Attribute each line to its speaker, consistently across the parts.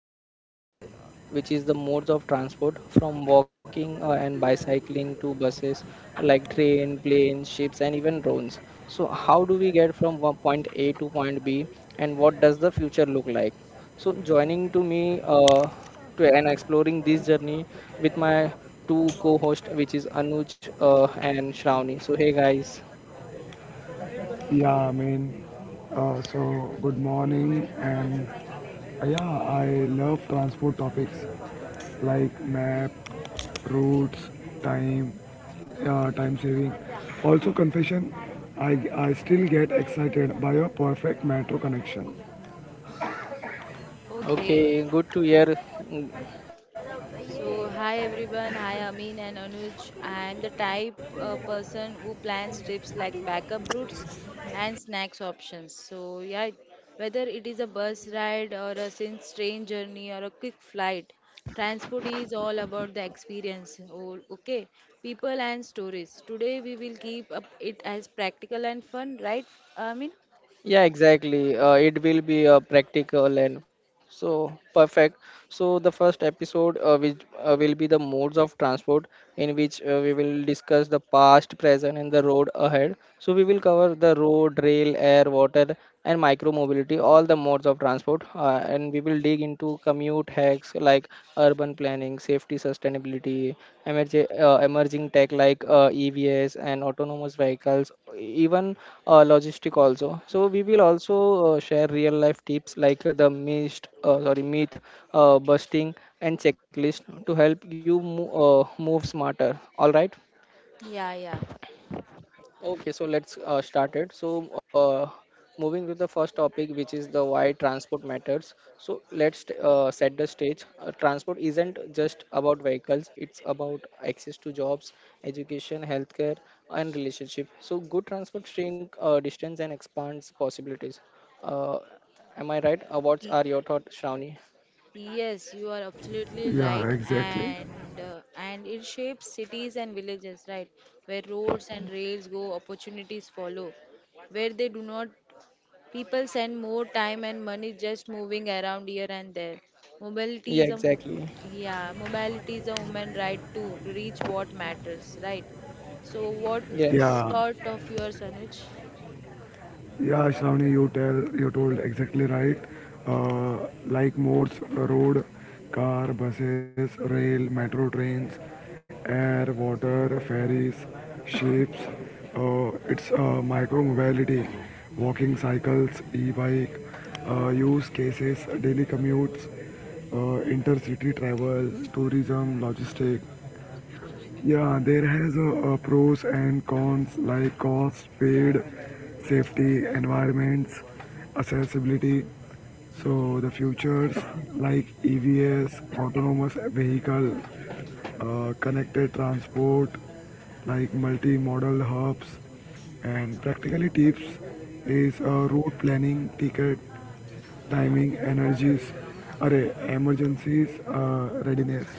Speaker 1: world, uh, like which is the modes of transport from walking and bicycling to buses, like train, planes, ships, and even drones. So, how do we get from one point A to point B, and what does the future look like? So joining to me to and exploring this journey with my two co-hosts, which is Anuj and Shravani. So hey guys.
Speaker 2: Yeah, I mean, so good morning, and yeah, I love transport topics like map, routes, time, time saving. Also, confession, I still get excited by a perfect metro connection.
Speaker 3: Okay.
Speaker 1: Okay, good to hear. Mm,
Speaker 3: So, hi everyone. Hi Amin and Anuj. I am the type person who plans trips like backup routes and snacks options. So, yeah, whether it is a bus ride or a since train journey or a quick flight, transport is all about the experience. Oh, okay, people and stories. Today we will keep up it as practical and fun, right? Amin?
Speaker 1: yeah, exactly. It will be practical and fun. So perfect. So the first episode, which will be the modes of transport, in which we will discuss the past, present, and the road ahead. So we will cover the road, rail, air, water, and micro mobility, all the modes of transport. And we will dig into commute hacks like urban planning, safety, sustainability, emerging tech like EVs and autonomous vehicles, even logistic also. So we will also share real life tips like the myth busting and checklist to help you move smarter. All right.
Speaker 3: Yeah,
Speaker 1: Okay, so let's start it. So, moving to the first topic, which is the why transport matters. So, let's set the stage. Transport isn't just about vehicles, it's about access to jobs, education, healthcare, and relationship. So, good transport shrink distance and expands possibilities. Uh, am I right? What
Speaker 3: yeah.
Speaker 1: are your thoughts, Shravani?
Speaker 3: Yes, you are absolutely
Speaker 2: Yeah,
Speaker 3: right,
Speaker 2: exactly.
Speaker 3: and it shapes cities and villages, right? Where roads and rails go, opportunities follow. Where they do not, people spend more time and money just moving around here and there. Mobility
Speaker 1: Yeah,
Speaker 3: is a mo-
Speaker 1: exactly.
Speaker 3: Yeah, mobility is a human right too to reach what matters, right? So, what
Speaker 1: Yes.
Speaker 2: Yeah,
Speaker 3: thought of yours, Anuj?
Speaker 2: Yeah, Shravani, you told exactly right. Uh, like modes, road, car, buses, rail, metro trains, air, water, ferries, ships. It's Micro mobility, walking, cycles, e-bike, use cases, daily commutes, intercity travel, tourism, logistics. Yeah, there has pros and cons like cost, speed, safety, environments, accessibility. So the futures like EVs, autonomous vehicle, connected transport, like multimodal hubs, and practically tips is route planning, ticket timing, energies, array, emergencies, readiness.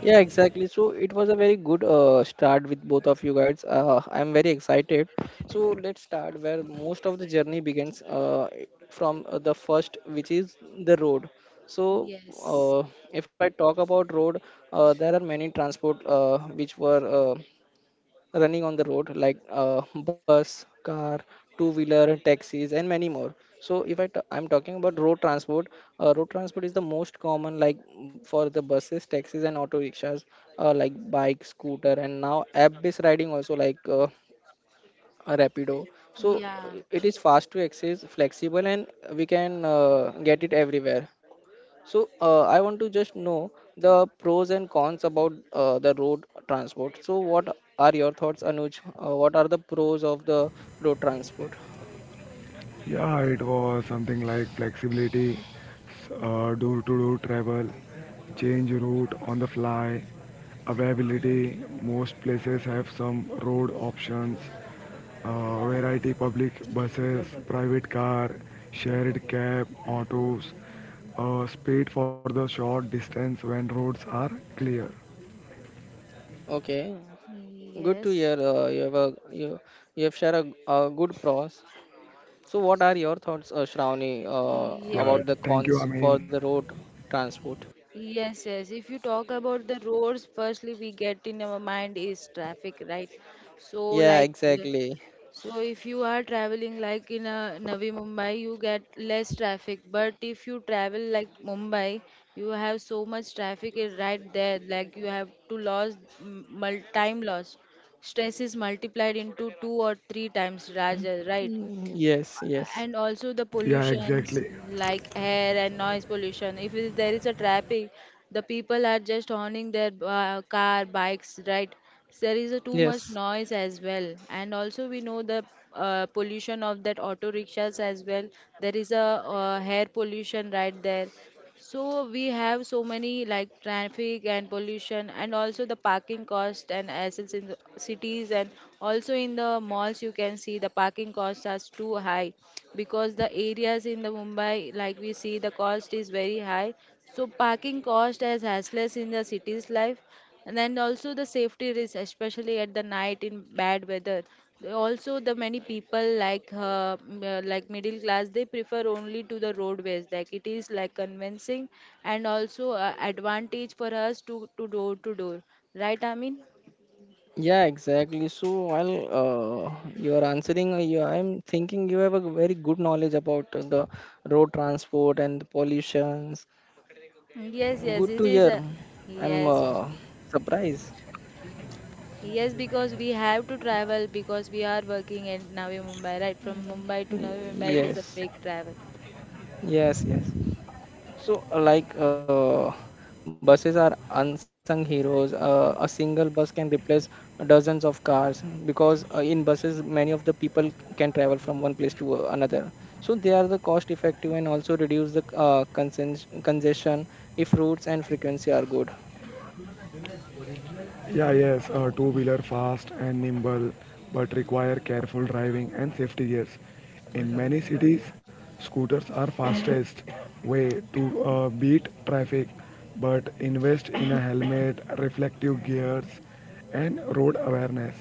Speaker 1: Yeah, exactly. So it was a very good start with both of you guys. I'm very excited. So let's start where most of the journey begins from the first, which is the road. So
Speaker 3: Yes.
Speaker 1: uh, if I talk about road, there are many transport which were running on the road like bus, car, two wheeler, taxis, and many more. So if I t- I'm talking about road transport. Road transport is the most common, like for the buses, taxis, and auto rickshaws, like bike, scooter, and now app based riding also, like a rapido. So
Speaker 3: Yeah.
Speaker 1: it is fast to access, flexible, and we can get it everywhere. So I want to just know the pros and cons about the road transport. So what are your thoughts, Anuj? What are the pros of the road transport?
Speaker 2: Yeah, it was something like flexibility, door to door travel, change route on the fly, availability. Most places have some road options, variety public buses, private car, shared cab, autos, speed for the short distance when roads are clear.
Speaker 1: Okay, good to hear.
Speaker 3: Yes.
Speaker 1: You have shared a good pros. So what are your thoughts, Shravani,
Speaker 2: Yeah,
Speaker 3: Yes.
Speaker 1: about the
Speaker 2: thank you, I
Speaker 1: cons
Speaker 2: mean,
Speaker 1: for the road transport?
Speaker 3: Yes, yes. If you talk about the roads, firstly we get in our mind is traffic, right? So
Speaker 1: Yeah,
Speaker 3: like, yeah,
Speaker 1: exactly.
Speaker 3: so if you are traveling like in a Navi Mumbai, you get less traffic. But if you travel like Mumbai, you have so much traffic is right there. Like you have to lose time loss. Stress is multiplied into two or three times, Raja, right?
Speaker 1: Mm, yes, yes,
Speaker 3: And also the
Speaker 2: yeah, exactly.
Speaker 3: pollutions like air and noise pollution, if it- there is a traffic, the people are just honing their car bikes, right? So there is a too much
Speaker 1: yes.
Speaker 3: noise as well, and also we know the pollution of that auto rickshaws as well. There is a air pollution right there. So we have so many like traffic and pollution, and also the parking cost and assets in the cities, and also in the malls you can see the parking costs are too high, because the areas in the Mumbai like we see the cost is very high. So parking cost as hassles in the city's life, and then also the safety risk, especially at the night in bad weather. Also the many people like like middle class, they prefer only to the roadways, like it is like convincing, and also advantage for us to door to door, right, I mean?
Speaker 1: Yeah, exactly. So while you are answering, you I'm thinking you have a very good knowledge about the road transport and the pollutions.
Speaker 3: Yes, yes,
Speaker 1: Good to hear. I'm
Speaker 3: yes.
Speaker 1: surprised.
Speaker 3: Yes, because we have to travel because we are working in Navi Mumbai, right? From Mumbai to Navi Mumbai is a
Speaker 1: Yes,
Speaker 3: big travel.
Speaker 1: yes, yes. So, buses are unsung heroes. A single bus can replace dozens of cars because in buses, many of the people can travel from one place to another. So, they are the cost effective and also reduce the congestion if routes and frequency are good.
Speaker 2: Yeah, yes, a two wheeler fast and nimble but require careful driving and safety gears. In many cities, scooters are fastest way to beat traffic but invest in a helmet, reflective gears and road awareness.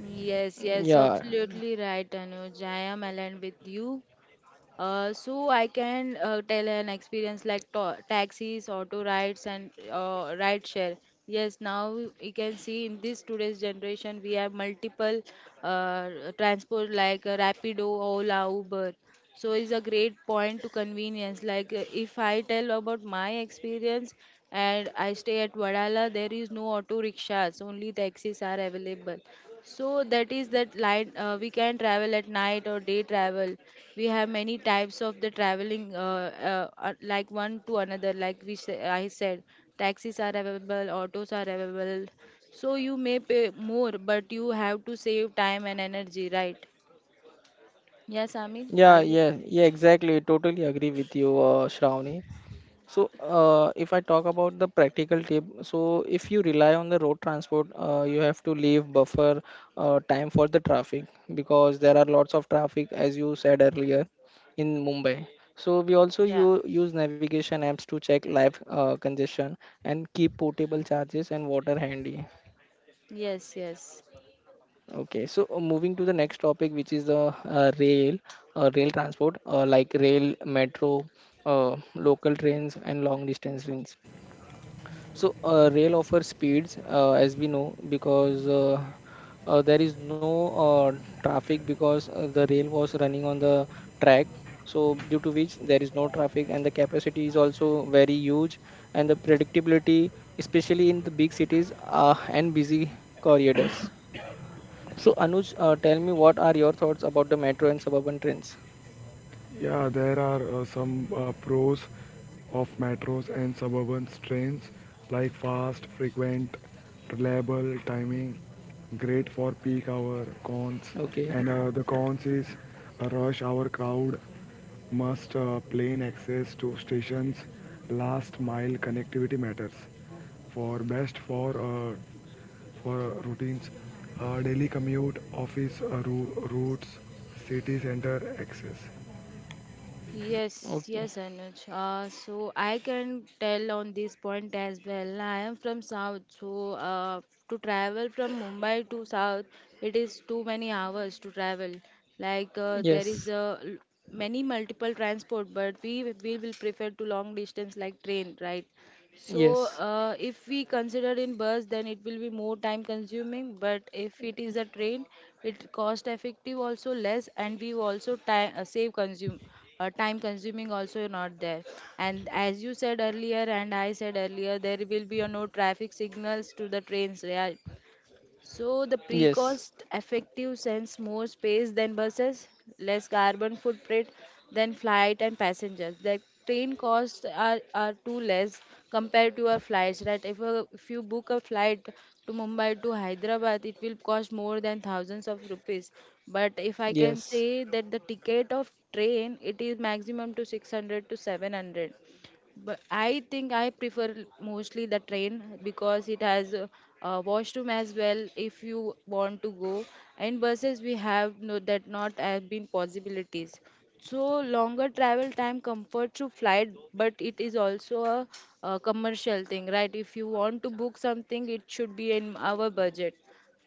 Speaker 3: Yes, yes,
Speaker 1: Yeah,
Speaker 3: absolutely right, Anuj. I am aligned with you. So I can tell an experience like to taxis, auto rides, and ride share. Yes, now you can see in this today's generation we have multiple uh, transport like Rapido, Ola, Uber. So it's a great point to convenience. Like if I tell about my experience, and I stay at Vadala, there is no auto rickshaws, only taxis are available. So that is that light. We can travel at night or day travel. We have many types of the traveling, like one to another. Like I said, taxis are available, autos are available. So you may pay more, but you have to save time and energy, right? Yes, Amin, are
Speaker 1: yeah,
Speaker 3: you?
Speaker 1: yeah, yeah, exactly. Totally agree with you, Shravani. So, if I talk about the practical tip, so if you rely on the road transport, you have to leave buffer time for the traffic because there are lots of traffic, as you said earlier, in Mumbai. So we also
Speaker 3: Yeah.
Speaker 1: use navigation apps to check live congestion and keep portable charges and water handy.
Speaker 3: Yes, yes.
Speaker 1: Okay, so moving to the next topic, which is the rail transport, like rail, metro, local trains, and long distance trains. So rail offers speeds, as we know, because there is no traffic because the rail was running on the track. So due to which there is no traffic and the capacity is also very huge and the predictability, especially in the big cities and busy corridors. So Anuj, tell me what are your thoughts about the metro and suburban trains?
Speaker 2: Yeah, there are some pros of metros and suburban trains like fast, frequent, reliable timing, great for peak hour cons.
Speaker 1: Okay,
Speaker 2: And the cons is a rush hour crowd, must plane access to stations, last mile connectivity matters. For best for routines, daily commute, office routes, city center access.
Speaker 3: Yes,
Speaker 1: okay,
Speaker 3: yes, Anuj. So I can tell on this point as well. I am from South, so to travel from Mumbai to South, it is too many hours to travel. Like there is
Speaker 1: yes,
Speaker 3: many multiple transport, but we will prefer to long distance like train, right? So,
Speaker 1: yes,
Speaker 3: if we consider in bus, then it will be more time consuming. But if it is a train, it cost effective also less, and we also time save consume time consuming also not there. And as you said earlier, and I said earlier, there will be a no traffic signals to the trains. Yeah, so the
Speaker 1: yes,
Speaker 3: pre-cost effective sends more space than buses, less carbon footprint than flight and passengers. The train costs are too less compared to our flights, right? If you book a flight to Mumbai to Hyderabad, it will cost more than thousands of rupees. But if I can
Speaker 1: yes.
Speaker 3: say that the ticket of train, it is maximum to 600 to 700, but I think I prefer mostly the train because it has a washroom as well if you want to go. And buses we have no that not have been possibilities. So longer travel time comfort through flight, but it is also a commercial thing, right? If you want to book something, it should be in our budget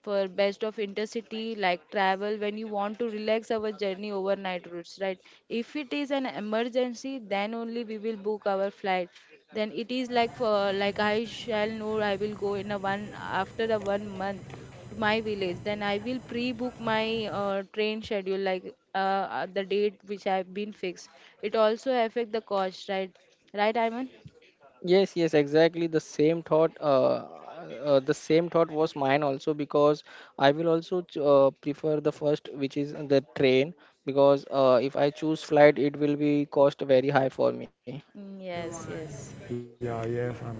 Speaker 3: for best of intercity like travel when you want to relax our journey overnight routes, right? If it is an emergency then only we will book our flight, then it is like for like I shall know I will go in a one after a one month to my village, then I will pre-book my train schedule like the date which I have been fixed. It also affect the cost, right? Right, Iman?
Speaker 1: Yes, yes, exactly. The same thought was mine also because I will also prefer the first, which is the train, because if I choose flight, it will be cost very high for me.
Speaker 3: Yes, yes,
Speaker 2: Yeah, yes, I mean,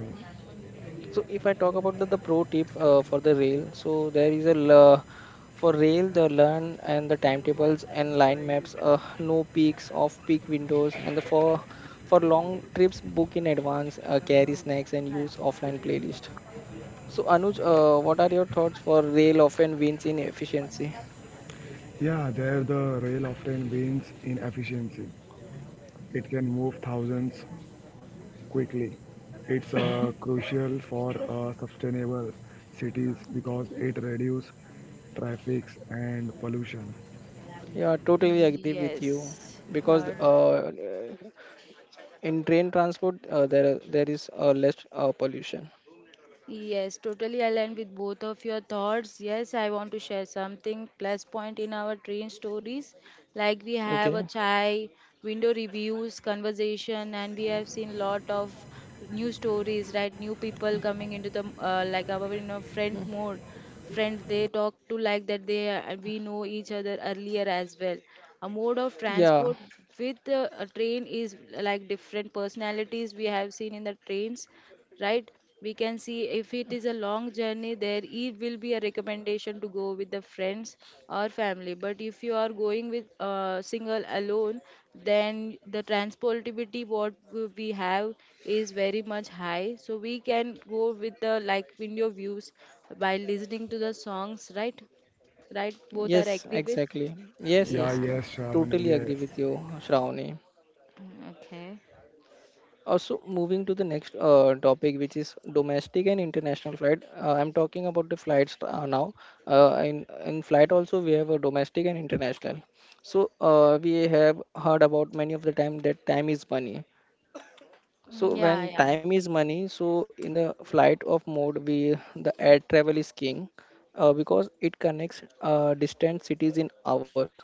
Speaker 1: So if I talk about the pro tip for the rail, so there is for rail the learn and the timetables and line maps, no peaks, off-peak windows, and the for long trips book in advance, carry snacks and use offline playlist. So, Anuj, what are your thoughts for rail often wins in efficiency?
Speaker 2: yeah, there the rail often wins in efficiency. It can move thousands quickly. It's crucial for sustainable cities because it reduces traffic and pollution.
Speaker 1: Yeah, totally agree with you
Speaker 3: yes.
Speaker 1: because
Speaker 3: Her.
Speaker 1: in train transport there is less pollution.
Speaker 3: Yes, totally aligned with both of your thoughts. Yes, I want to share something plus point in our train stories. Like we have a
Speaker 1: Okay.
Speaker 3: chai, window reviews, conversation, and we have seen lot of new stories, right? New people coming into the like our
Speaker 1: Mm.
Speaker 3: friend mode. Friend they talk to like that they we know each other earlier as well. A mode of
Speaker 1: Yeah.
Speaker 3: transport with a train is like different personalities we have seen in the trains, right? We can see if it is a long journey, there it will be a recommendation to go with the friends or family. But if you are going with single alone, then the transportability we have is very much high, so we can go with the like window views by listening to the songs, right? Right, both are
Speaker 1: Yes.
Speaker 3: agree with?
Speaker 1: Exactly. Yes.
Speaker 2: Yeah,
Speaker 1: Yes.
Speaker 3: Yeah.
Speaker 2: yes, Shravani,
Speaker 1: Totally agree
Speaker 2: yes.
Speaker 1: with you, Shravani.
Speaker 3: Mm, okay.
Speaker 1: So moving to the next topic, which is domestic and international flight. I'm talking about the flights now. In flight also we have a domestic and international. So we have heard about many of the time that time is money. So
Speaker 3: Mm, yeah,
Speaker 1: when
Speaker 3: yeah.
Speaker 1: time is money, so in the flight of mode, we the air travel is king because it connects distant cities in hours.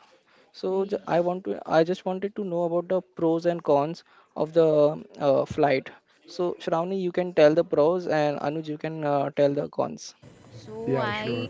Speaker 1: So
Speaker 3: Mm.
Speaker 1: I just wanted to know about the pros and cons of the flight. So Shravani, you can tell the pros, and Anuj, you can tell the cons.
Speaker 3: So
Speaker 2: Yeah,
Speaker 3: I
Speaker 2: sure.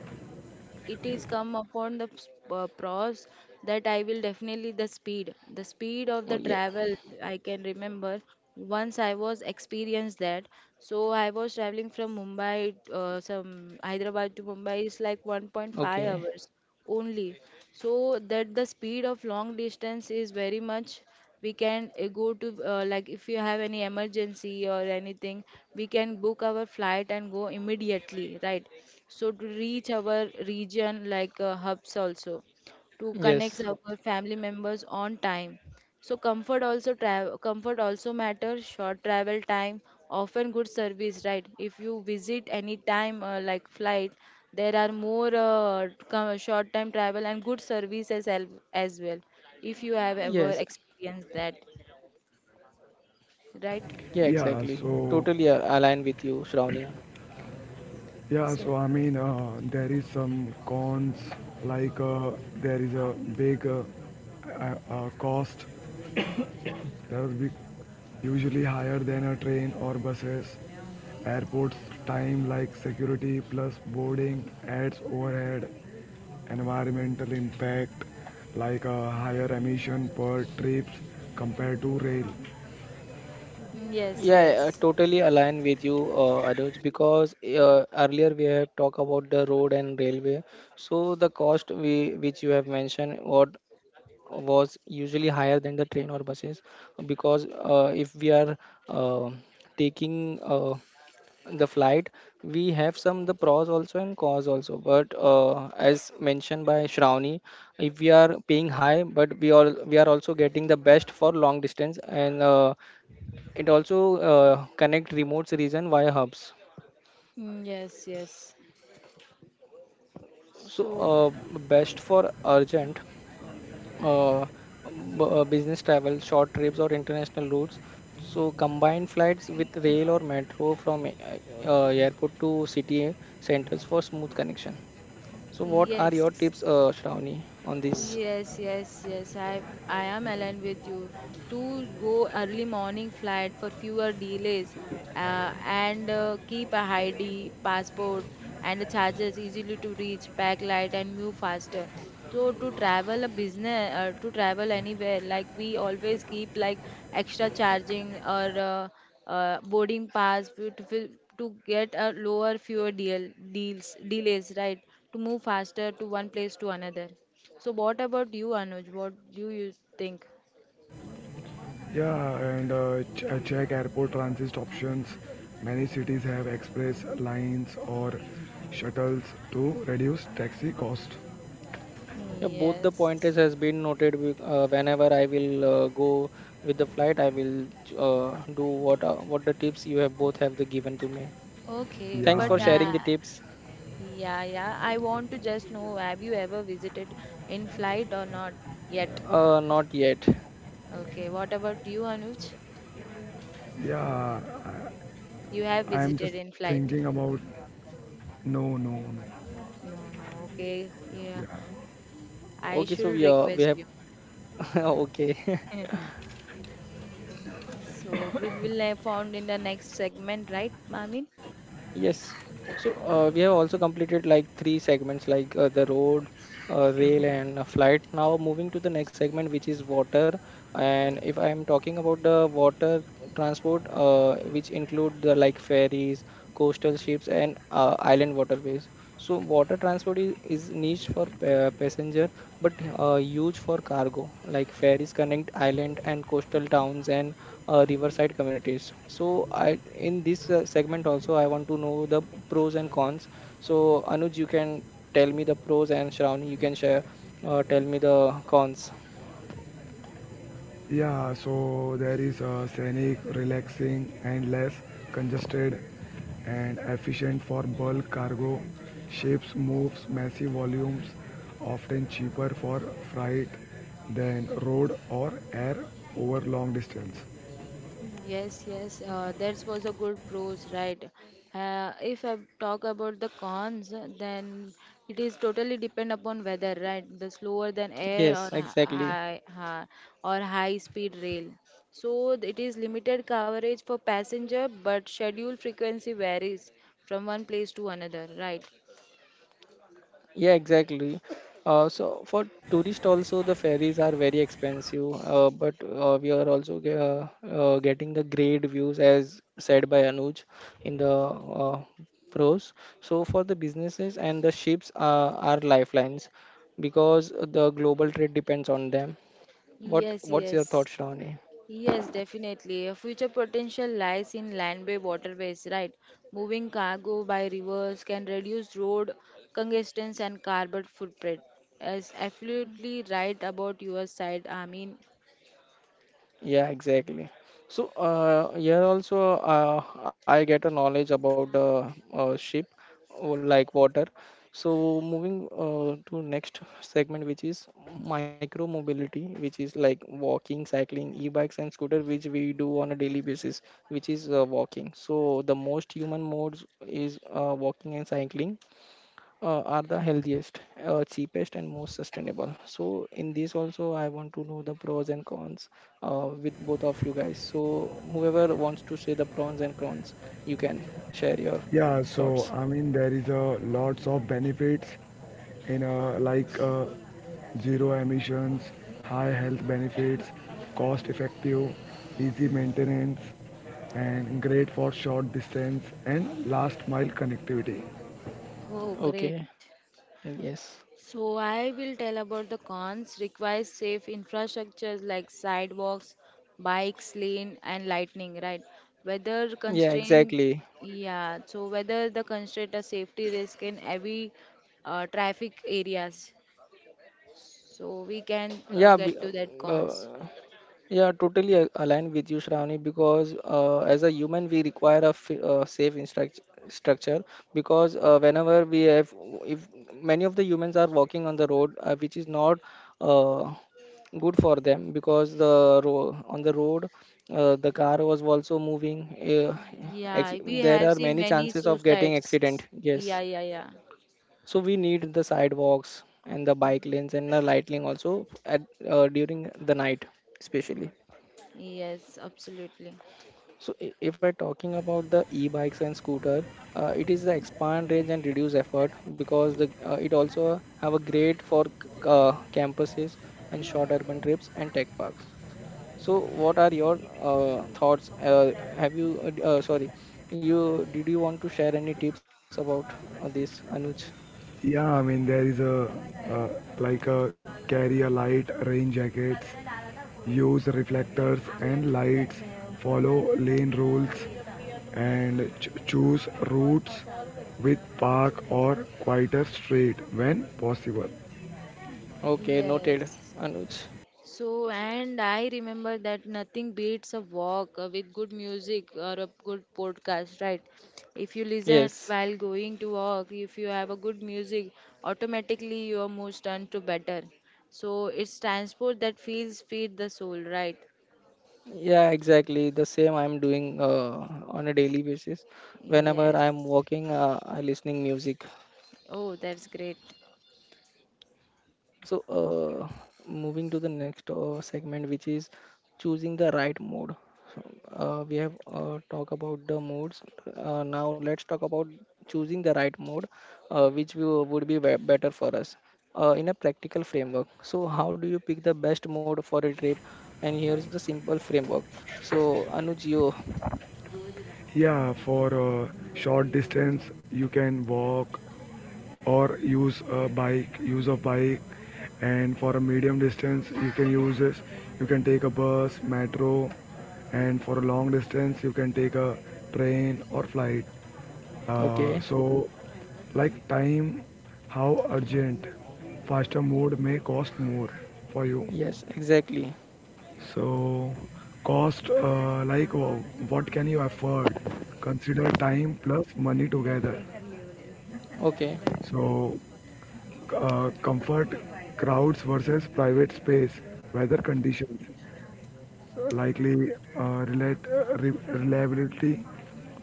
Speaker 3: it is come upon the pros that I will definitely the speed of the
Speaker 1: Oh yeah.
Speaker 3: travel. I can remember once I was experienced that. So I was traveling from Mumbai, some Hyderabad to Mumbai is like 1.5
Speaker 1: Okay.
Speaker 3: hours only. So that the speed of long distance is very much. We can go to like if you have any emergency or anything, we can book our flight and go immediately, right? So to reach our region like hubs also to connect
Speaker 1: Yes.
Speaker 3: our family members on time. So comfort also travel comfort also matters. Short travel time, often good service, right? If you visit any time like flight, there are more short time travel and good service as well. If you have ever
Speaker 1: Yes.
Speaker 3: experienced that, right?
Speaker 1: Yeah.
Speaker 2: Yeah,
Speaker 1: Exactly.
Speaker 2: so
Speaker 1: Totally align with you, Shravani.
Speaker 3: So
Speaker 2: there is some cons like there is a big cost that will be usually higher than a train or buses. Airports time like security plus boarding adds overhead. Environmental impact like a higher emission per trips compared to rail.
Speaker 3: mm, yes,
Speaker 1: Yeah, I
Speaker 3: yes.
Speaker 1: totally align with you, Anuj, because earlier we have talked about the road and railway. So the cost we which you have mentioned what was usually higher than the train or buses, because if we are uh, taking the flight, we have some the pros also and cons also. But as mentioned by Shravani, if we are paying high, but we are also getting the best for long distance and. It also connect remote region via hubs.
Speaker 3: Mm, yes, yes.
Speaker 1: So
Speaker 3: So
Speaker 1: best for urgent uh, business travel, short trips or international routes. So combine flights with rail or metro from airport to city centers for smooth connection. So what are your tips,
Speaker 3: yes.
Speaker 1: Shravani, on this?
Speaker 3: Yes, yes, yes. I am aligned with you. To go early morning flight for fewer delays, and keep a ID, passport, and the charges easily to reach, pack light, and move faster. So to travel a business, to travel anywhere, like we always keep like extra charging or boarding pass to get a lower fewer deal deals delays, right? To move faster to one place to another. So what about you, Anuj? What do you think?
Speaker 2: Yeah, and check airport transit options. Many cities have express lines or shuttles to reduce taxi cost.
Speaker 1: Yeah, both the
Speaker 3: Yes.
Speaker 1: pointers has been noted. Whenever I will go with the flight, I will do what the tips you have both have the given to me.
Speaker 3: Okay,
Speaker 2: Yeah,
Speaker 1: Thanks
Speaker 3: but
Speaker 2: I
Speaker 1: for
Speaker 2: mean,
Speaker 1: sharing the tips.
Speaker 3: yeah, yeah. I want to just know, have you ever visited in flight or not yet?
Speaker 1: Not yet.
Speaker 3: Okay, what about you, Anuj?
Speaker 2: yeah,
Speaker 3: You have
Speaker 2: I'm just
Speaker 3: visited in
Speaker 2: thinking
Speaker 3: flight?
Speaker 2: about. No, no, no.
Speaker 3: No, no. Okay,
Speaker 2: Yeah,
Speaker 3: yeah. I
Speaker 1: Okay, so
Speaker 3: should
Speaker 1: we
Speaker 3: request
Speaker 1: have
Speaker 3: you.
Speaker 1: okay.
Speaker 3: So we will have found in the next segment, right, Amin?
Speaker 1: Yes. So we have also completed like three segments like the road, rail, and a flight. Now moving to the next segment, which is water. And if I am talking about the water transport, which include the like ferries, coastal ships, and island waterways. So water transport is niche for passenger, but huge for cargo. Like ferries connect island and coastal towns and riverside communities. So I in this segment also I want to know the pros and cons. So Anuj, you can. Tell me the pros and Shravani, you can share. Tell me the cons.
Speaker 2: yeah. So there is a scenic, relaxing, and less congested, and efficient for bulk cargo. Ships moves massive volumes, often cheaper for freight than road or air over long distance.
Speaker 3: Yes, yes, that was a good pros, right? If I talk about the cons, then it is totally depend upon weather, right? The slower than air
Speaker 1: Yes,
Speaker 3: or
Speaker 1: exactly.
Speaker 3: high speed rail. So it is limited coverage for passenger, but schedule frequency varies from one place to another, right?
Speaker 1: Yeah, exactly. So for tourist also the ferries are very expensive, but we are also getting the great views as said by Anuj in the pros. So for the businesses and the ships are lifelines because the global trade depends on them. What
Speaker 3: Yes,
Speaker 1: what's your
Speaker 3: yes.
Speaker 1: thought, Shravani?
Speaker 3: Yes, definitely. A future potential lies in land-based waterways, right? Moving cargo by rivers can reduce road congestion and carbon footprint. Yes, absolutely right about your side, I mean.
Speaker 1: Yeah, exactly. So, here also, I get a knowledge about the ship, or like water. So, moving to next segment, which is micro mobility, which is like walking, cycling, e-bikes, and scooter, which we do on a daily basis, which is walking. So, the most human modes is walking and cycling are the healthiest, cheapest, and most sustainable. So, in this also, I want to know the pros and cons with both of you guys. So, whoever wants to say the pros and cons, you can share your
Speaker 2: Yeah, so
Speaker 1: thoughts.
Speaker 2: I mean there is a lots of benefits in zero emissions, high health benefits, cost effective, easy maintenance, and great for short distance and last mile connectivity.
Speaker 3: Oh, great.
Speaker 1: Okay. Yes.
Speaker 3: So I will tell about the cons. Requires safe infrastructures like sidewalks, bikes, lane, and lightning. Right. Whether
Speaker 1: Yeah.
Speaker 3: constraint,
Speaker 1: Exactly.
Speaker 3: yeah. So whether the constraint a safety risk in heavy traffic areas. So we can
Speaker 1: yeah be-
Speaker 3: get to that
Speaker 1: uh,
Speaker 3: cons.
Speaker 1: yeah, totally aligned with you, Shravani, because as a human we require a safe structure because whenever we have, if many of the humans are walking on the road, which is not uh, good for them because the on the road the car was also moving.
Speaker 3: Yeah, we
Speaker 1: There
Speaker 3: have
Speaker 1: are
Speaker 3: seen
Speaker 1: many
Speaker 3: many
Speaker 1: chances of getting
Speaker 3: suicides.
Speaker 1: accident,
Speaker 3: Yeah,
Speaker 1: yes,
Speaker 3: yeah, yeah.
Speaker 1: so we need the sidewalks and the bike lanes and the lightning also at, during the night especially.
Speaker 3: Yes, absolutely.
Speaker 1: So if I talking about the e-bikes and scooter, it is the expand range and reduce effort because the, it also have a great for campuses and short urban trips and tech parks. So what are your thoughts? Have you sorry, you did, you want to share any tips about this, Anuj?
Speaker 2: There is a uh, like a carry a light rain jackets, use reflectors and lights, follow lane rules, and choose routes with park or quieter street when possible.
Speaker 1: Okay, noted,
Speaker 3: Yes.
Speaker 1: Anuj.
Speaker 3: So, and I remember that nothing beats a walk with good music or a good podcast, right? If you listen
Speaker 1: Yes.
Speaker 3: while going to walk, if you have a good music, automatically your moods turn to better. So, it's transport that feels feed the soul, right?
Speaker 1: Yeah, exactly. The same I'm doing on a daily basis. Whenever
Speaker 3: Yes.
Speaker 1: I'm walking, I listening music.
Speaker 3: Oh, that's great.
Speaker 1: So, moving to the next segment, which is choosing the right mode. So, we have talked about the modes. Now let's talk about choosing the right mode, which will, would be better for us in a practical framework. So, how do you pick the best mode for a trip? And here's the simple framework. So, Anuj, you
Speaker 2: Yeah, for short distance you can walk or use of bike, and for a medium distance you can take a bus metro, and for a long distance you can take a train or flight.
Speaker 1: okay?
Speaker 2: So like time, how urgent, faster mode may cost more for you.
Speaker 1: Yes, exactly.
Speaker 2: So cost, what can you afford, consider time plus money together.
Speaker 1: Okay.
Speaker 2: so Comfort, crowds versus private space, weather conditions, likely uh, relate, reliability,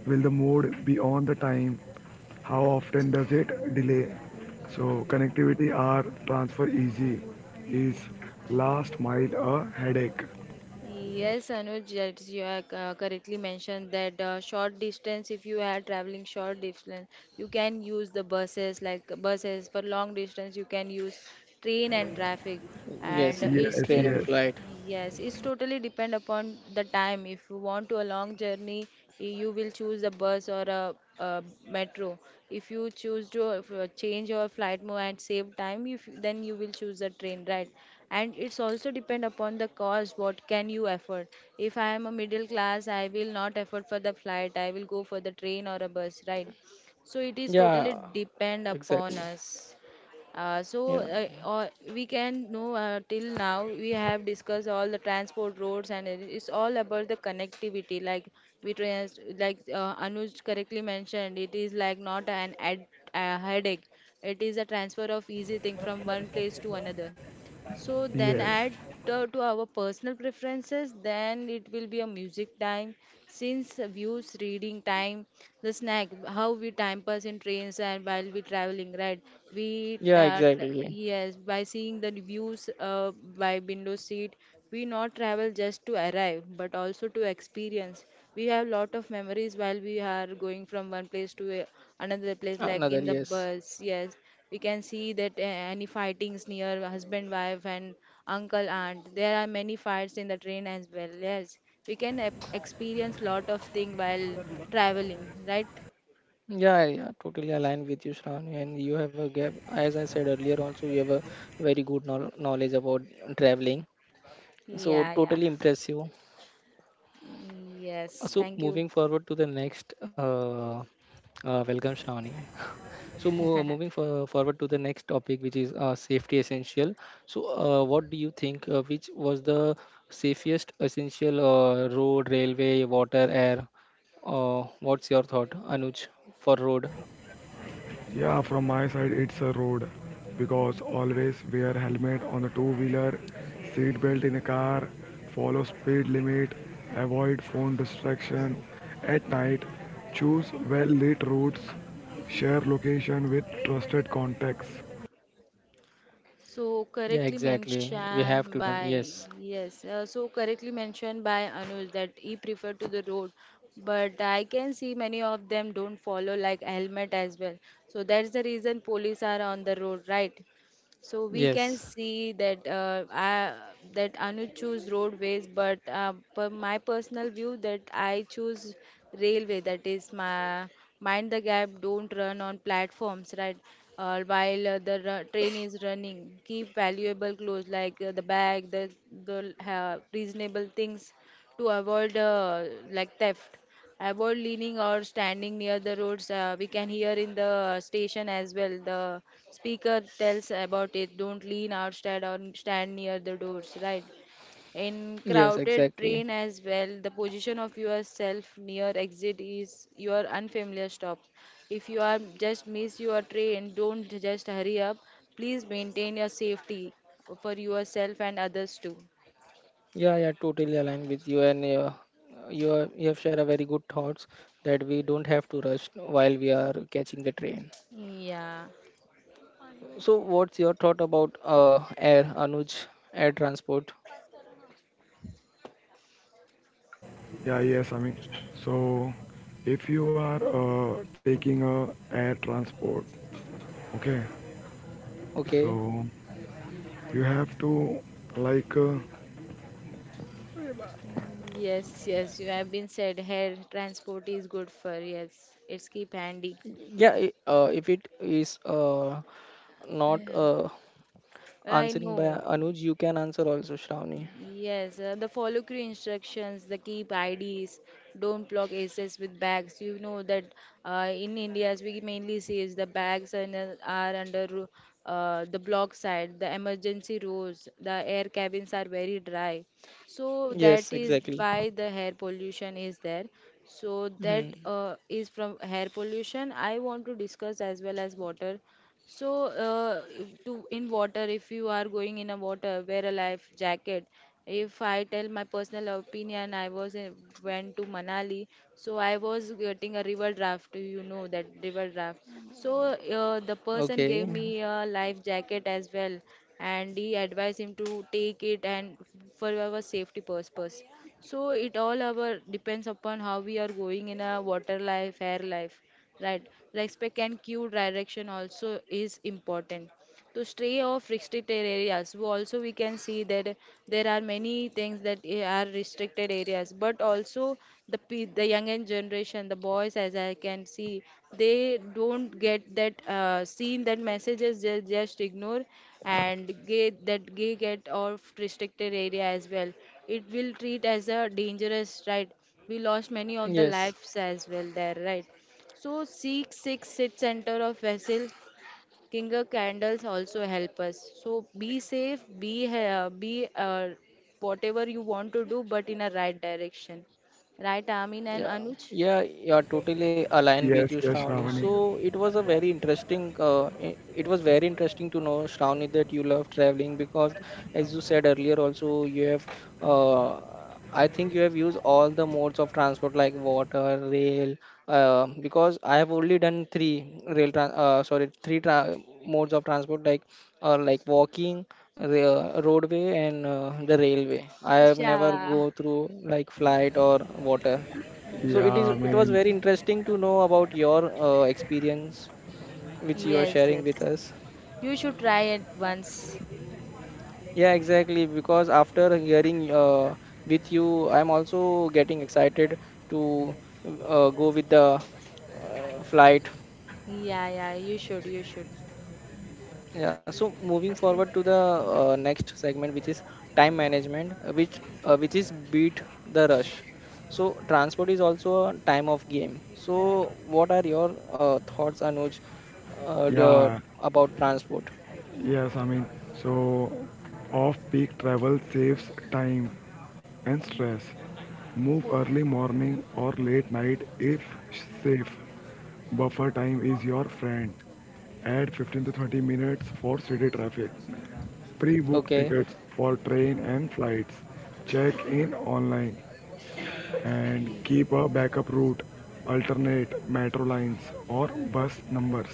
Speaker 2: will the mode be on the time, how often does it delay. So connectivity or transfer easy, is last mile a headache.
Speaker 3: Yes, Anuj, yes, you are correctly mentioned that short distance, if you are traveling short distance, you can use the buses like buses. For long distance, you can use train and traffic.
Speaker 1: Yes,
Speaker 3: And it's
Speaker 2: Yes,
Speaker 1: train
Speaker 3: the
Speaker 1: and
Speaker 2: yes,
Speaker 1: flight.
Speaker 3: Yes, it's totally depend upon the time. If you want to a long journey, you will choose a bus or a metro. If you choose to change your flight mode and save time, if you- then you will choose a train, right? And it's also depend upon the cost. What can you afford? If I am a middle class, I will not afford for the flight. I will go for the train or a bus, right? So it is totally
Speaker 1: Yeah,
Speaker 3: depend upon
Speaker 1: exactly.
Speaker 3: us.
Speaker 1: Yeah.
Speaker 3: Or we can know till now we have discussed all the transport roads and it's all about the connectivity like we trans like Anuj correctly mentioned it is like not an ad- a headache. It is a transfer of easy thing from one place to another, so then
Speaker 2: yes.
Speaker 3: add to our personal preferences. Then it will be a music time, since views, reading time, the snack, how we time pass in trains and while we traveling, right? We
Speaker 1: Yeah,
Speaker 3: uh, t-
Speaker 1: exactly.
Speaker 3: yes, by seeing the views by window seat, we not travel just to arrive, but also to experience. We have lot of memories while we are going from one place to a, another place, like
Speaker 1: Another,
Speaker 3: in the
Speaker 1: yes.
Speaker 3: bus. Yes, we can see that any fightings near husband wife and uncle aunt. There are many fights in the train as well. Yes, we can experience lot of thing while traveling, right?
Speaker 1: Yeah, yeah, totally aligned with you, Shravani. And you have a gap, as I said earlier, also you have a very good knowledge about traveling. So
Speaker 3: Yeah, yeah.
Speaker 1: totally impressive.
Speaker 3: Yes,
Speaker 1: So
Speaker 3: thank you.
Speaker 1: moving forward to the next, welcome, Shravani. So moving forward to the next topic, which is safety essential. So what do you think? Which was the safest essential, road, railway, water, air? What's your thought, Anuj, for road?
Speaker 2: Yeah, from my side, it's a road because always wear helmet on the two wheeler, seat belt in a car, follow speed limit, avoid phone distraction at night, choose well lit routes, share location with trusted contacts.
Speaker 3: So
Speaker 1: Yeah,
Speaker 3: correctly
Speaker 1: exactly. We have
Speaker 3: mentioned
Speaker 1: to done.
Speaker 3: by,
Speaker 1: Yes,
Speaker 3: yes, so correctly mentioned by Anuj that he prefer to the road, but I can see many of them don't follow like helmet as well. So that's the reason police are on the road, right? So we can
Speaker 1: yes,
Speaker 3: see that that Anu choose roadways, but per my personal view that I choose railway. That is my mind the gap. Don't run on platforms, right? While train is running, keep valuable clothes like the bag, the reasonable things to avoid like theft. Avoid leaning or standing near the roads. We can hear in the station as well. The speaker tells about it. Don't lean or stand near the doors. Right. In
Speaker 1: yes,
Speaker 3: crowded
Speaker 1: exactly.
Speaker 3: train as well, the position of yourself near exit is your unfamiliar stop. If you are just miss your train, don't just hurry up. Please maintain your safety for yourself and others too.
Speaker 1: Yeah, yeah, totally aligned with you, and you have shared a very good thoughts that we don't have to rush while we are catching the train.
Speaker 3: Yeah.
Speaker 1: So, what's your thought about air, Anuj, air transport?
Speaker 2: Yeah, yes, I mean, so if you are taking a air transport, okay,
Speaker 1: Okay.
Speaker 2: so you have to like
Speaker 3: Mm, yes, yes, you have been said hair transport is good for, yes, it's keep handy.
Speaker 1: Yeah, if it is not
Speaker 3: Mm. I
Speaker 1: answering by
Speaker 3: know.
Speaker 1: Anuj, you can answer also, Shravani.
Speaker 3: Yes, the follow crew instructions, the keep IDs, don't block access with bags. You know that in India, as we mainly see, is the bags are, are under the block side, the emergency rows. The air cabins are very dry. So that
Speaker 1: Yes,
Speaker 3: is
Speaker 1: exactly.
Speaker 3: why the air pollution is there. So that
Speaker 1: Hmm.
Speaker 3: is from air pollution. I want to discuss as well as water. So, if to in water, if you are going in a water, wear a life jacket. If I tell my personal opinion, I was in, went to Manali, so I was getting a river draft. You know that river draft. So the person
Speaker 1: Okay.
Speaker 3: gave me a life jacket as well, and he advised him to take it and for our safety purpose. So it all our depends upon how we are going in a water life, air life, right? Respect and cue direction also is important to stray off restricted areas. We also we can see that there are many things that are restricted areas, but also the younger generation, the boys, as I can see, they don't get that seen that messages. They just ignore and get that gay get off restricted area as well. It will treat as a dangerous, right? We lost many of the
Speaker 1: Yes.
Speaker 3: lives as well there, right? So seek six sit center of vessel. Kinger candles also help us. So be safe, be whatever you want to do, but in a right direction. Right, Amin and
Speaker 1: Yeah,
Speaker 3: Anuj?
Speaker 1: yeah, yeah, totally aligned with you,
Speaker 2: yes, yes,
Speaker 1: Shravani.
Speaker 2: Shravani.
Speaker 1: So it was a very interesting, it was very interesting to know, Shravani, that you love traveling because, as you said earlier, also you have, uh, I think you have used all the modes of transport like water, rail, because I have only done three rail, tran sorry, three tra modes of transport like walking, roadway, and the railway. I have never
Speaker 3: Yeah.
Speaker 1: go through like flight or water. So
Speaker 2: Yeah,
Speaker 1: it is,
Speaker 3: Yeah.
Speaker 2: I
Speaker 1: it was
Speaker 2: mean.
Speaker 1: very interesting to know about your experience which you are
Speaker 3: Yes,
Speaker 1: sharing with
Speaker 3: yes.
Speaker 1: us.
Speaker 3: You should try it once.
Speaker 1: Yeah, exactly. Because after hearing with you, I'm also getting excited to go with the flight.
Speaker 3: Yeah, yeah. You should. You
Speaker 1: Yeah, so moving forward to the next segment, which is time management, which is beat the rush. So transport is also a time of game. So what are your thoughts, Anuj, uh, the,
Speaker 2: Yeah,
Speaker 1: about transport?
Speaker 2: yes, I mean, so off peak travel saves time and stress. Move early morning or late night if safe. Buffer time is your friend. Add 15 to 30 minutes for city traffic. Pre book
Speaker 1: Okay.
Speaker 2: tickets for train and flights. Check in online and
Speaker 3: Should.
Speaker 2: keep a backup route. Alternate metro lines or bus numbers.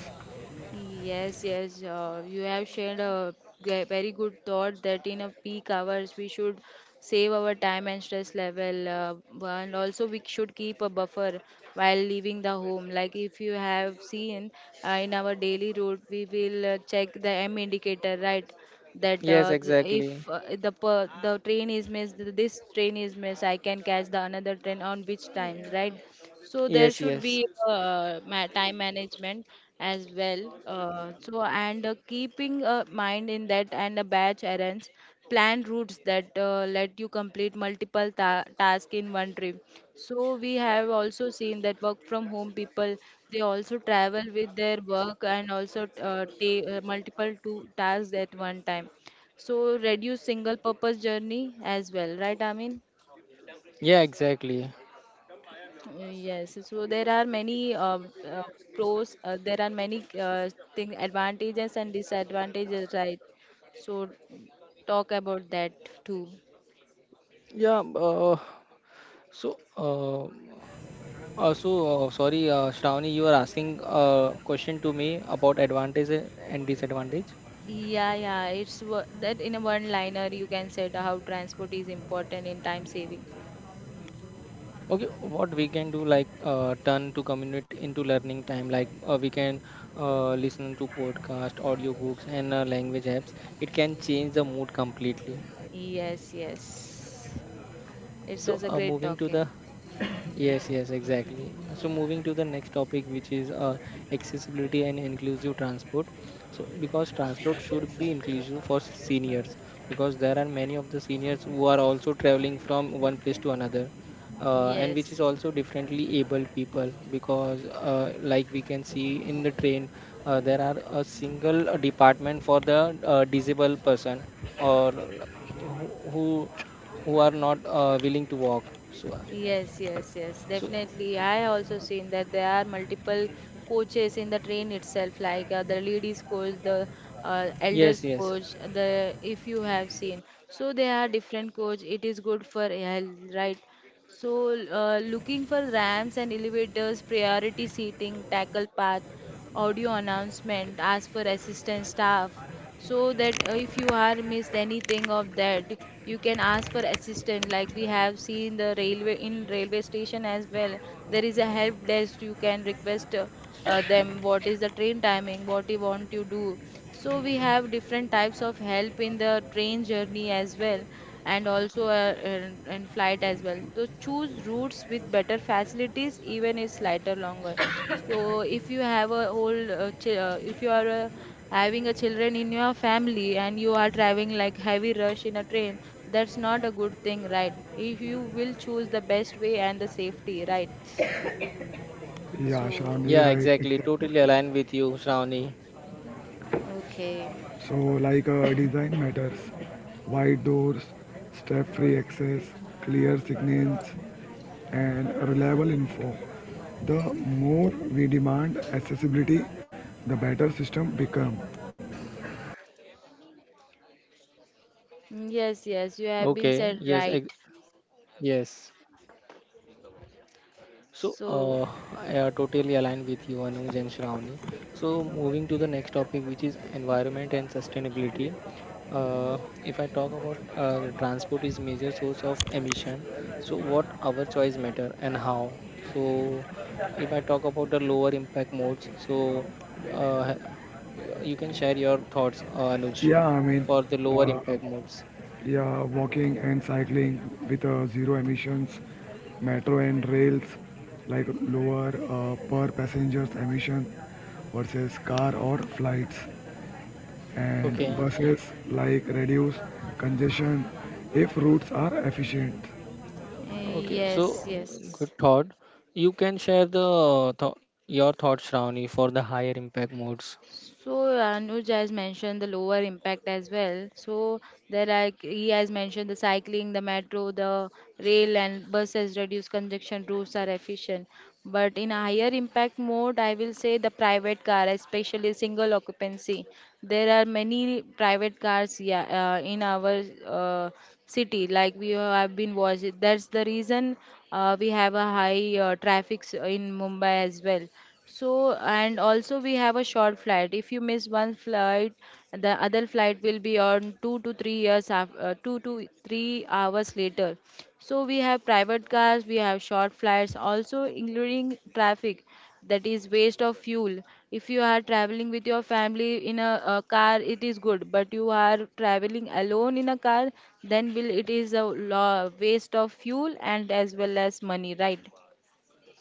Speaker 3: Yes, yes, you have shared a very good thought that in a peak hours we should save our time and stress level, and also we should keep a buffer while leaving the home. Like if you have seen in our daily route, we will check the M indicator, right? That
Speaker 1: Yes,
Speaker 3: if
Speaker 1: exactly.
Speaker 3: the the train is missed, this train is missed, I can catch the another train on which time, right? So there
Speaker 1: Yes,
Speaker 3: should
Speaker 1: yes.
Speaker 3: be time management as well. So and Keeping a mind in that and a batch errands, plan routes that let you complete multiple tasks in one trip. So we have also seen that work from home people, they also travel with their work and also take multiple two tasks at one time. So reduce single purpose journey as well, right, Amin?
Speaker 1: Yeah, exactly.
Speaker 3: Yes, so there are many uh, pros, there are many thing advantages and disadvantages, right? So talk about that too.
Speaker 1: Yeah. So, uh, sorry, Shravani, you are asking a question to me about advantage and disadvantage.
Speaker 3: Yeah, yeah, that in a one liner you can say the how transport is important in time saving.
Speaker 1: Okay, what we can do like turn to commute into learning time. Like we can listen to podcast, audiobooks, and language apps. It can change the mood completely.
Speaker 3: Yes, yes. It's
Speaker 1: So
Speaker 3: was a great
Speaker 1: moving to
Speaker 3: talking.
Speaker 1: the, yes, yes, exactly. So moving to the next topic, which is accessibility and inclusive transport. So because transport should be inclusive for seniors, because there are many of the seniors who are also traveling from one place to another, and which is
Speaker 3: Yes.
Speaker 1: also differently abled people. Because like we can see in the train, there are a single department for the disabled person or who who are not willing to walk. So
Speaker 3: Yes, yes, yes,
Speaker 1: so,
Speaker 3: definitely. I also seen that there are multiple coaches in the train itself, like the ladies coach, the
Speaker 1: yes,
Speaker 3: elders
Speaker 1: yes.
Speaker 3: coach, the if you have seen. So there are different coach. It is good for health, right? So, looking for ramps and elevators, priority seating, tackle path, audio announcement, ask for assistant staff. So that if you are missed anything of that, you can ask for assistant. Like we have seen the railway in railway station as well. There is a help desk. You can request them what is the train timing, what you want to do. So we have different types of help in the train journey as well and also in flight as well. So choose routes with better facilities, even if slighter longer. So if you have a whole, if you are having a children in your family and you are driving like heavy rush in a train, that's not a good thing, right? If you will choose the best way and the safety, right?
Speaker 2: Yeah,
Speaker 3: So,
Speaker 2: Shravani,
Speaker 1: Yeah,
Speaker 2: right,
Speaker 1: exactly.
Speaker 2: exactly.
Speaker 1: Totally aligned with you, Shravani.
Speaker 3: okay,
Speaker 2: So like design matters, wide doors, step-free access, clear signals, and reliable info. The more we demand accessibility, the better system become.
Speaker 3: yes, yes, you have been
Speaker 1: Okay.
Speaker 3: said
Speaker 1: Yes,
Speaker 3: right.
Speaker 1: ex- yes. So,
Speaker 3: So
Speaker 1: I totally align with you, Anuj and Shravani. So, moving to the next topic, which is environment and sustainability. If I talk about the transport is major source of emission, so what our choice matter and how? So, if I talk about the lower impact modes, so uh, you can share your thoughts, Anuj,
Speaker 2: Yeah, I mean,
Speaker 1: for the lower
Speaker 2: uh,
Speaker 1: impact modes.
Speaker 2: yeah, walking and cycling with zero emissions, metro and rails like lower per passengers emission versus car or flights, and
Speaker 1: Okay.
Speaker 2: buses like reduce congestion if routes are efficient.
Speaker 1: Okay,
Speaker 3: yes,
Speaker 1: so
Speaker 3: yes.
Speaker 1: good thought. You can share the your thoughts, Shravani, for the higher impact modes.
Speaker 3: So Anuj has mentioned the lower impact as well. So there are, he has mentioned the cycling, the metro, the rail and buses reduce congestion routes are efficient. But in a higher impact mode, I will say the private car, especially single occupancy. There are many private cars, yeah, in our uh, city, like we have been watching. That's the reason we have a high traffic in Mumbai as well. So, and also we have a short flight. If you miss one flight, the other flight will be on 2 to 3 hours later. So we have private cars, we have short flights, also including traffic. That is waste of fuel. If you are traveling with your family in a car, it is good. But you are traveling alone in a car, then will it is a lo waste of fuel and as well as money, right?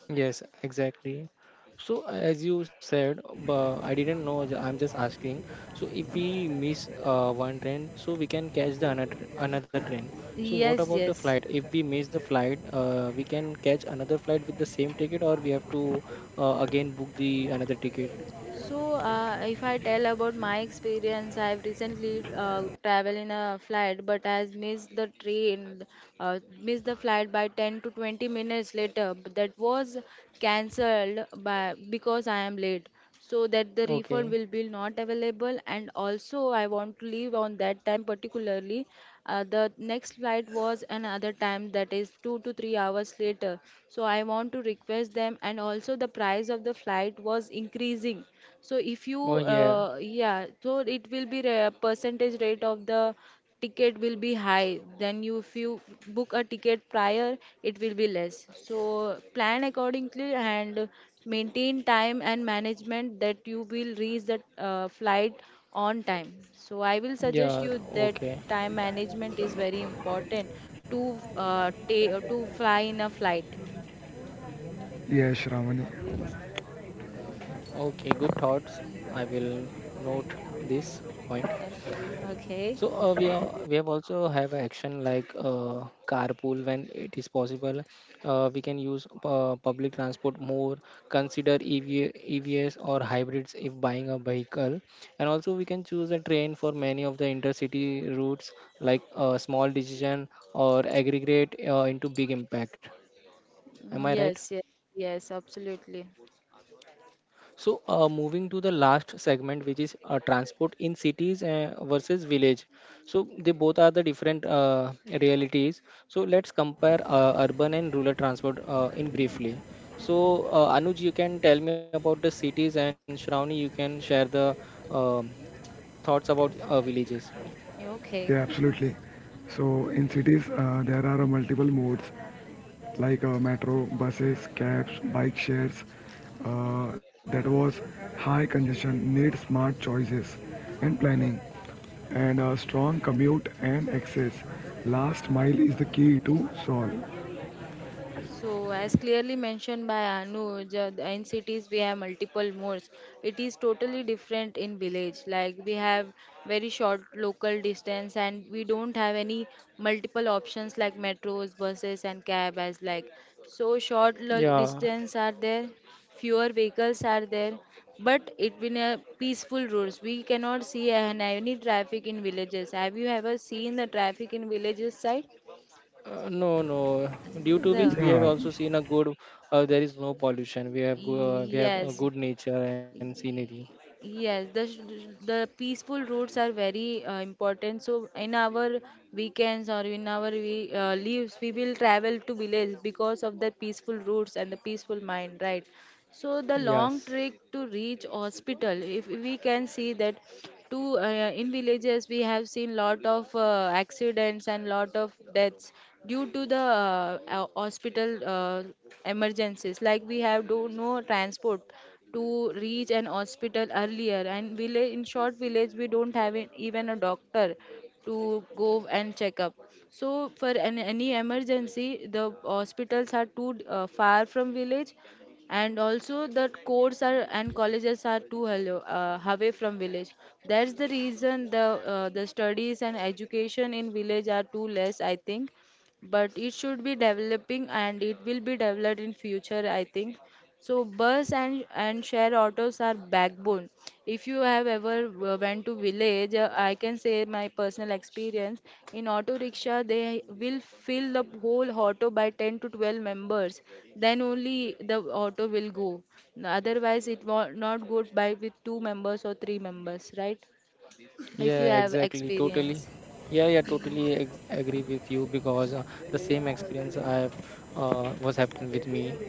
Speaker 1: Yes, exactly. So as you said, but I didn't know. I'm just asking. So if
Speaker 3: Uh,
Speaker 1: we miss one train, so we can catch the another train. So what
Speaker 3: Yes,
Speaker 1: about the
Speaker 3: yes.
Speaker 1: flight? If we miss the flight, we can catch another flight with the same ticket, or we have to again book the another ticket.
Speaker 3: So, if I tell about my experience, I've recently traveled in a flight, but has missed the train, missed the flight by 10 to 20 minutes later. But that was cancelled by because I am late. So that the refund
Speaker 1: Okay.
Speaker 3: will be not available, and also I want to leave on that time particularly. The next flight was another time that is 2 to 3 hours later. So I want to request them, and also the price of the flight was increasing. So if you
Speaker 1: Oh, yeah.
Speaker 3: yeah, so it will be a percentage rate of the ticket will be high then you if you book a ticket prior, it will be less. So plan accordingly and maintain time and management that you will reach the flight on time. So I will suggest
Speaker 1: Yeah.
Speaker 3: you that
Speaker 1: Okay.
Speaker 3: time management is very important to to fly in a flight.
Speaker 2: Yes, Shravani.
Speaker 1: Okay, good thoughts. I will note this point.
Speaker 3: Uh, okay.
Speaker 1: So we have also have an action like carpool when it is possible. We can use public transport more. Consider EV, EVs or hybrids if buying a vehicle, and also we can choose a train for many of the intercity routes. Like small decision or aggregate into big impact. Am
Speaker 3: Mm,
Speaker 1: I right?
Speaker 3: yes, yes, yes, absolutely.
Speaker 1: So, moving to the last segment, which is transport in cities versus village. So, they both are the different realities. So, let's compare urban and rural transport in briefly. So, Anuj, you can tell me about the cities, and Shravani, you can share the um, thoughts about villages.
Speaker 2: Yeah,
Speaker 3: Okay.
Speaker 2: absolutely. So in cities, there are multiple modes like metro, buses, cabs, bike shares. That was high congestion, need smart choices and planning and a strong commute and access. Last mile is the key to solve.
Speaker 3: So, as clearly mentioned by Anuj, in cities we have multiple modes. It is totally different in village. Like we have very short local distance, and we don't have any multiple options like metros, buses, and cab as like. So short
Speaker 1: Yeah,
Speaker 3: distance are there, fewer vehicles are there, but it been a peaceful roads. We cannot see any traffic in villages. Have you ever seen the traffic in villages side?
Speaker 1: no, no. Due to which we
Speaker 3: The
Speaker 1: have
Speaker 2: Yeah,
Speaker 1: also seen a good. There is no pollution. We have we have a
Speaker 3: Yes.
Speaker 1: good nature and scenery.
Speaker 3: Yes, the peaceful routes are very important. So in our weekends or in our we, leaves, we will travel to village because of the peaceful routes and the peaceful mind, right? So the long
Speaker 1: Yes.
Speaker 3: trek to reach hospital, if we can see that to in villages we have seen lot of accidents and lot of deaths due to the hospital emergencies. Like we have do no transport to reach an hospital earlier, and village in short village we don't have even a doctor to go and check up. So for an, any emergency, the hospitals are too far from village, and also the courts are and colleges are too hello, away from village. That's the reason the studies and education in village are too less, I think, but it should be developing and it will be developed in future, I think. So bus and share autos are backbone. If you have ever went to village, I can say my personal experience. In auto rickshaw, they will fill the whole auto by 10 to 12 members. Then only the auto will go. Otherwise, it will not go by with two members or three members, right? If you
Speaker 1: Yeah,
Speaker 3: have
Speaker 1: exactly. Totally.
Speaker 3: experience.
Speaker 1: Yeah, yeah, agree with you because the same experience I've was happened with me.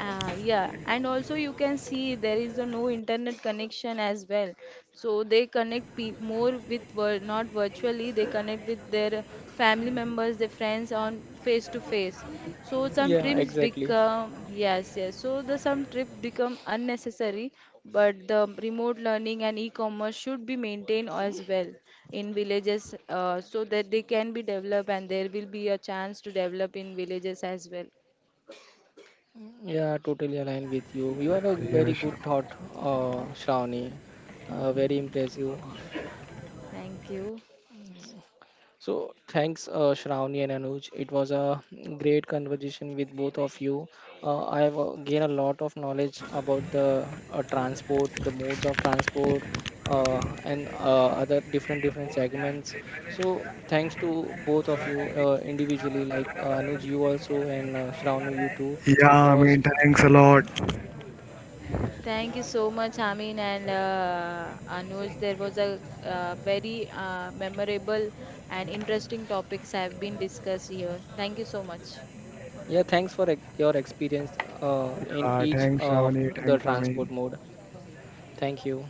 Speaker 3: Ah, yeah, and also you can see there is a no internet connection as well. So they connect more with not virtually, they connect with their family members, their friends on face to face. So some
Speaker 1: Yeah,
Speaker 3: trips
Speaker 1: exactly.
Speaker 3: become, yes, yes. So the some trip become unnecessary, but the remote learning and e-commerce should be maintained as well in villages, so that they can be developed and there will be a chance to develop in villages as well.
Speaker 1: Yeah, totally aligned with you. You have a very
Speaker 2: yeah,
Speaker 1: good
Speaker 2: sure.
Speaker 1: thought, Shravani. Very impressive.
Speaker 3: Thank you.
Speaker 1: So thanks, Shravani and Anuj. It was a great conversation with both of you. I have gained a lot of knowledge about the transport, the modes of transport, and other different different segments. So thanks to both of you individually, like Anuj, you also, and Shravani, you too,
Speaker 2: Yeah, I
Speaker 1: because
Speaker 2: mean, thanks a
Speaker 1: uh,
Speaker 2: lot.
Speaker 3: Thank you so much, Amin and Anuj. There was a very memorable and interesting topics have been discussed here. Thank you so much.
Speaker 1: yeah, thanks for your experience in
Speaker 2: Yeah,
Speaker 1: each
Speaker 2: thanks
Speaker 1: of
Speaker 2: Ravani,
Speaker 1: the
Speaker 2: thanks Ami.
Speaker 1: transport mode. Thank you.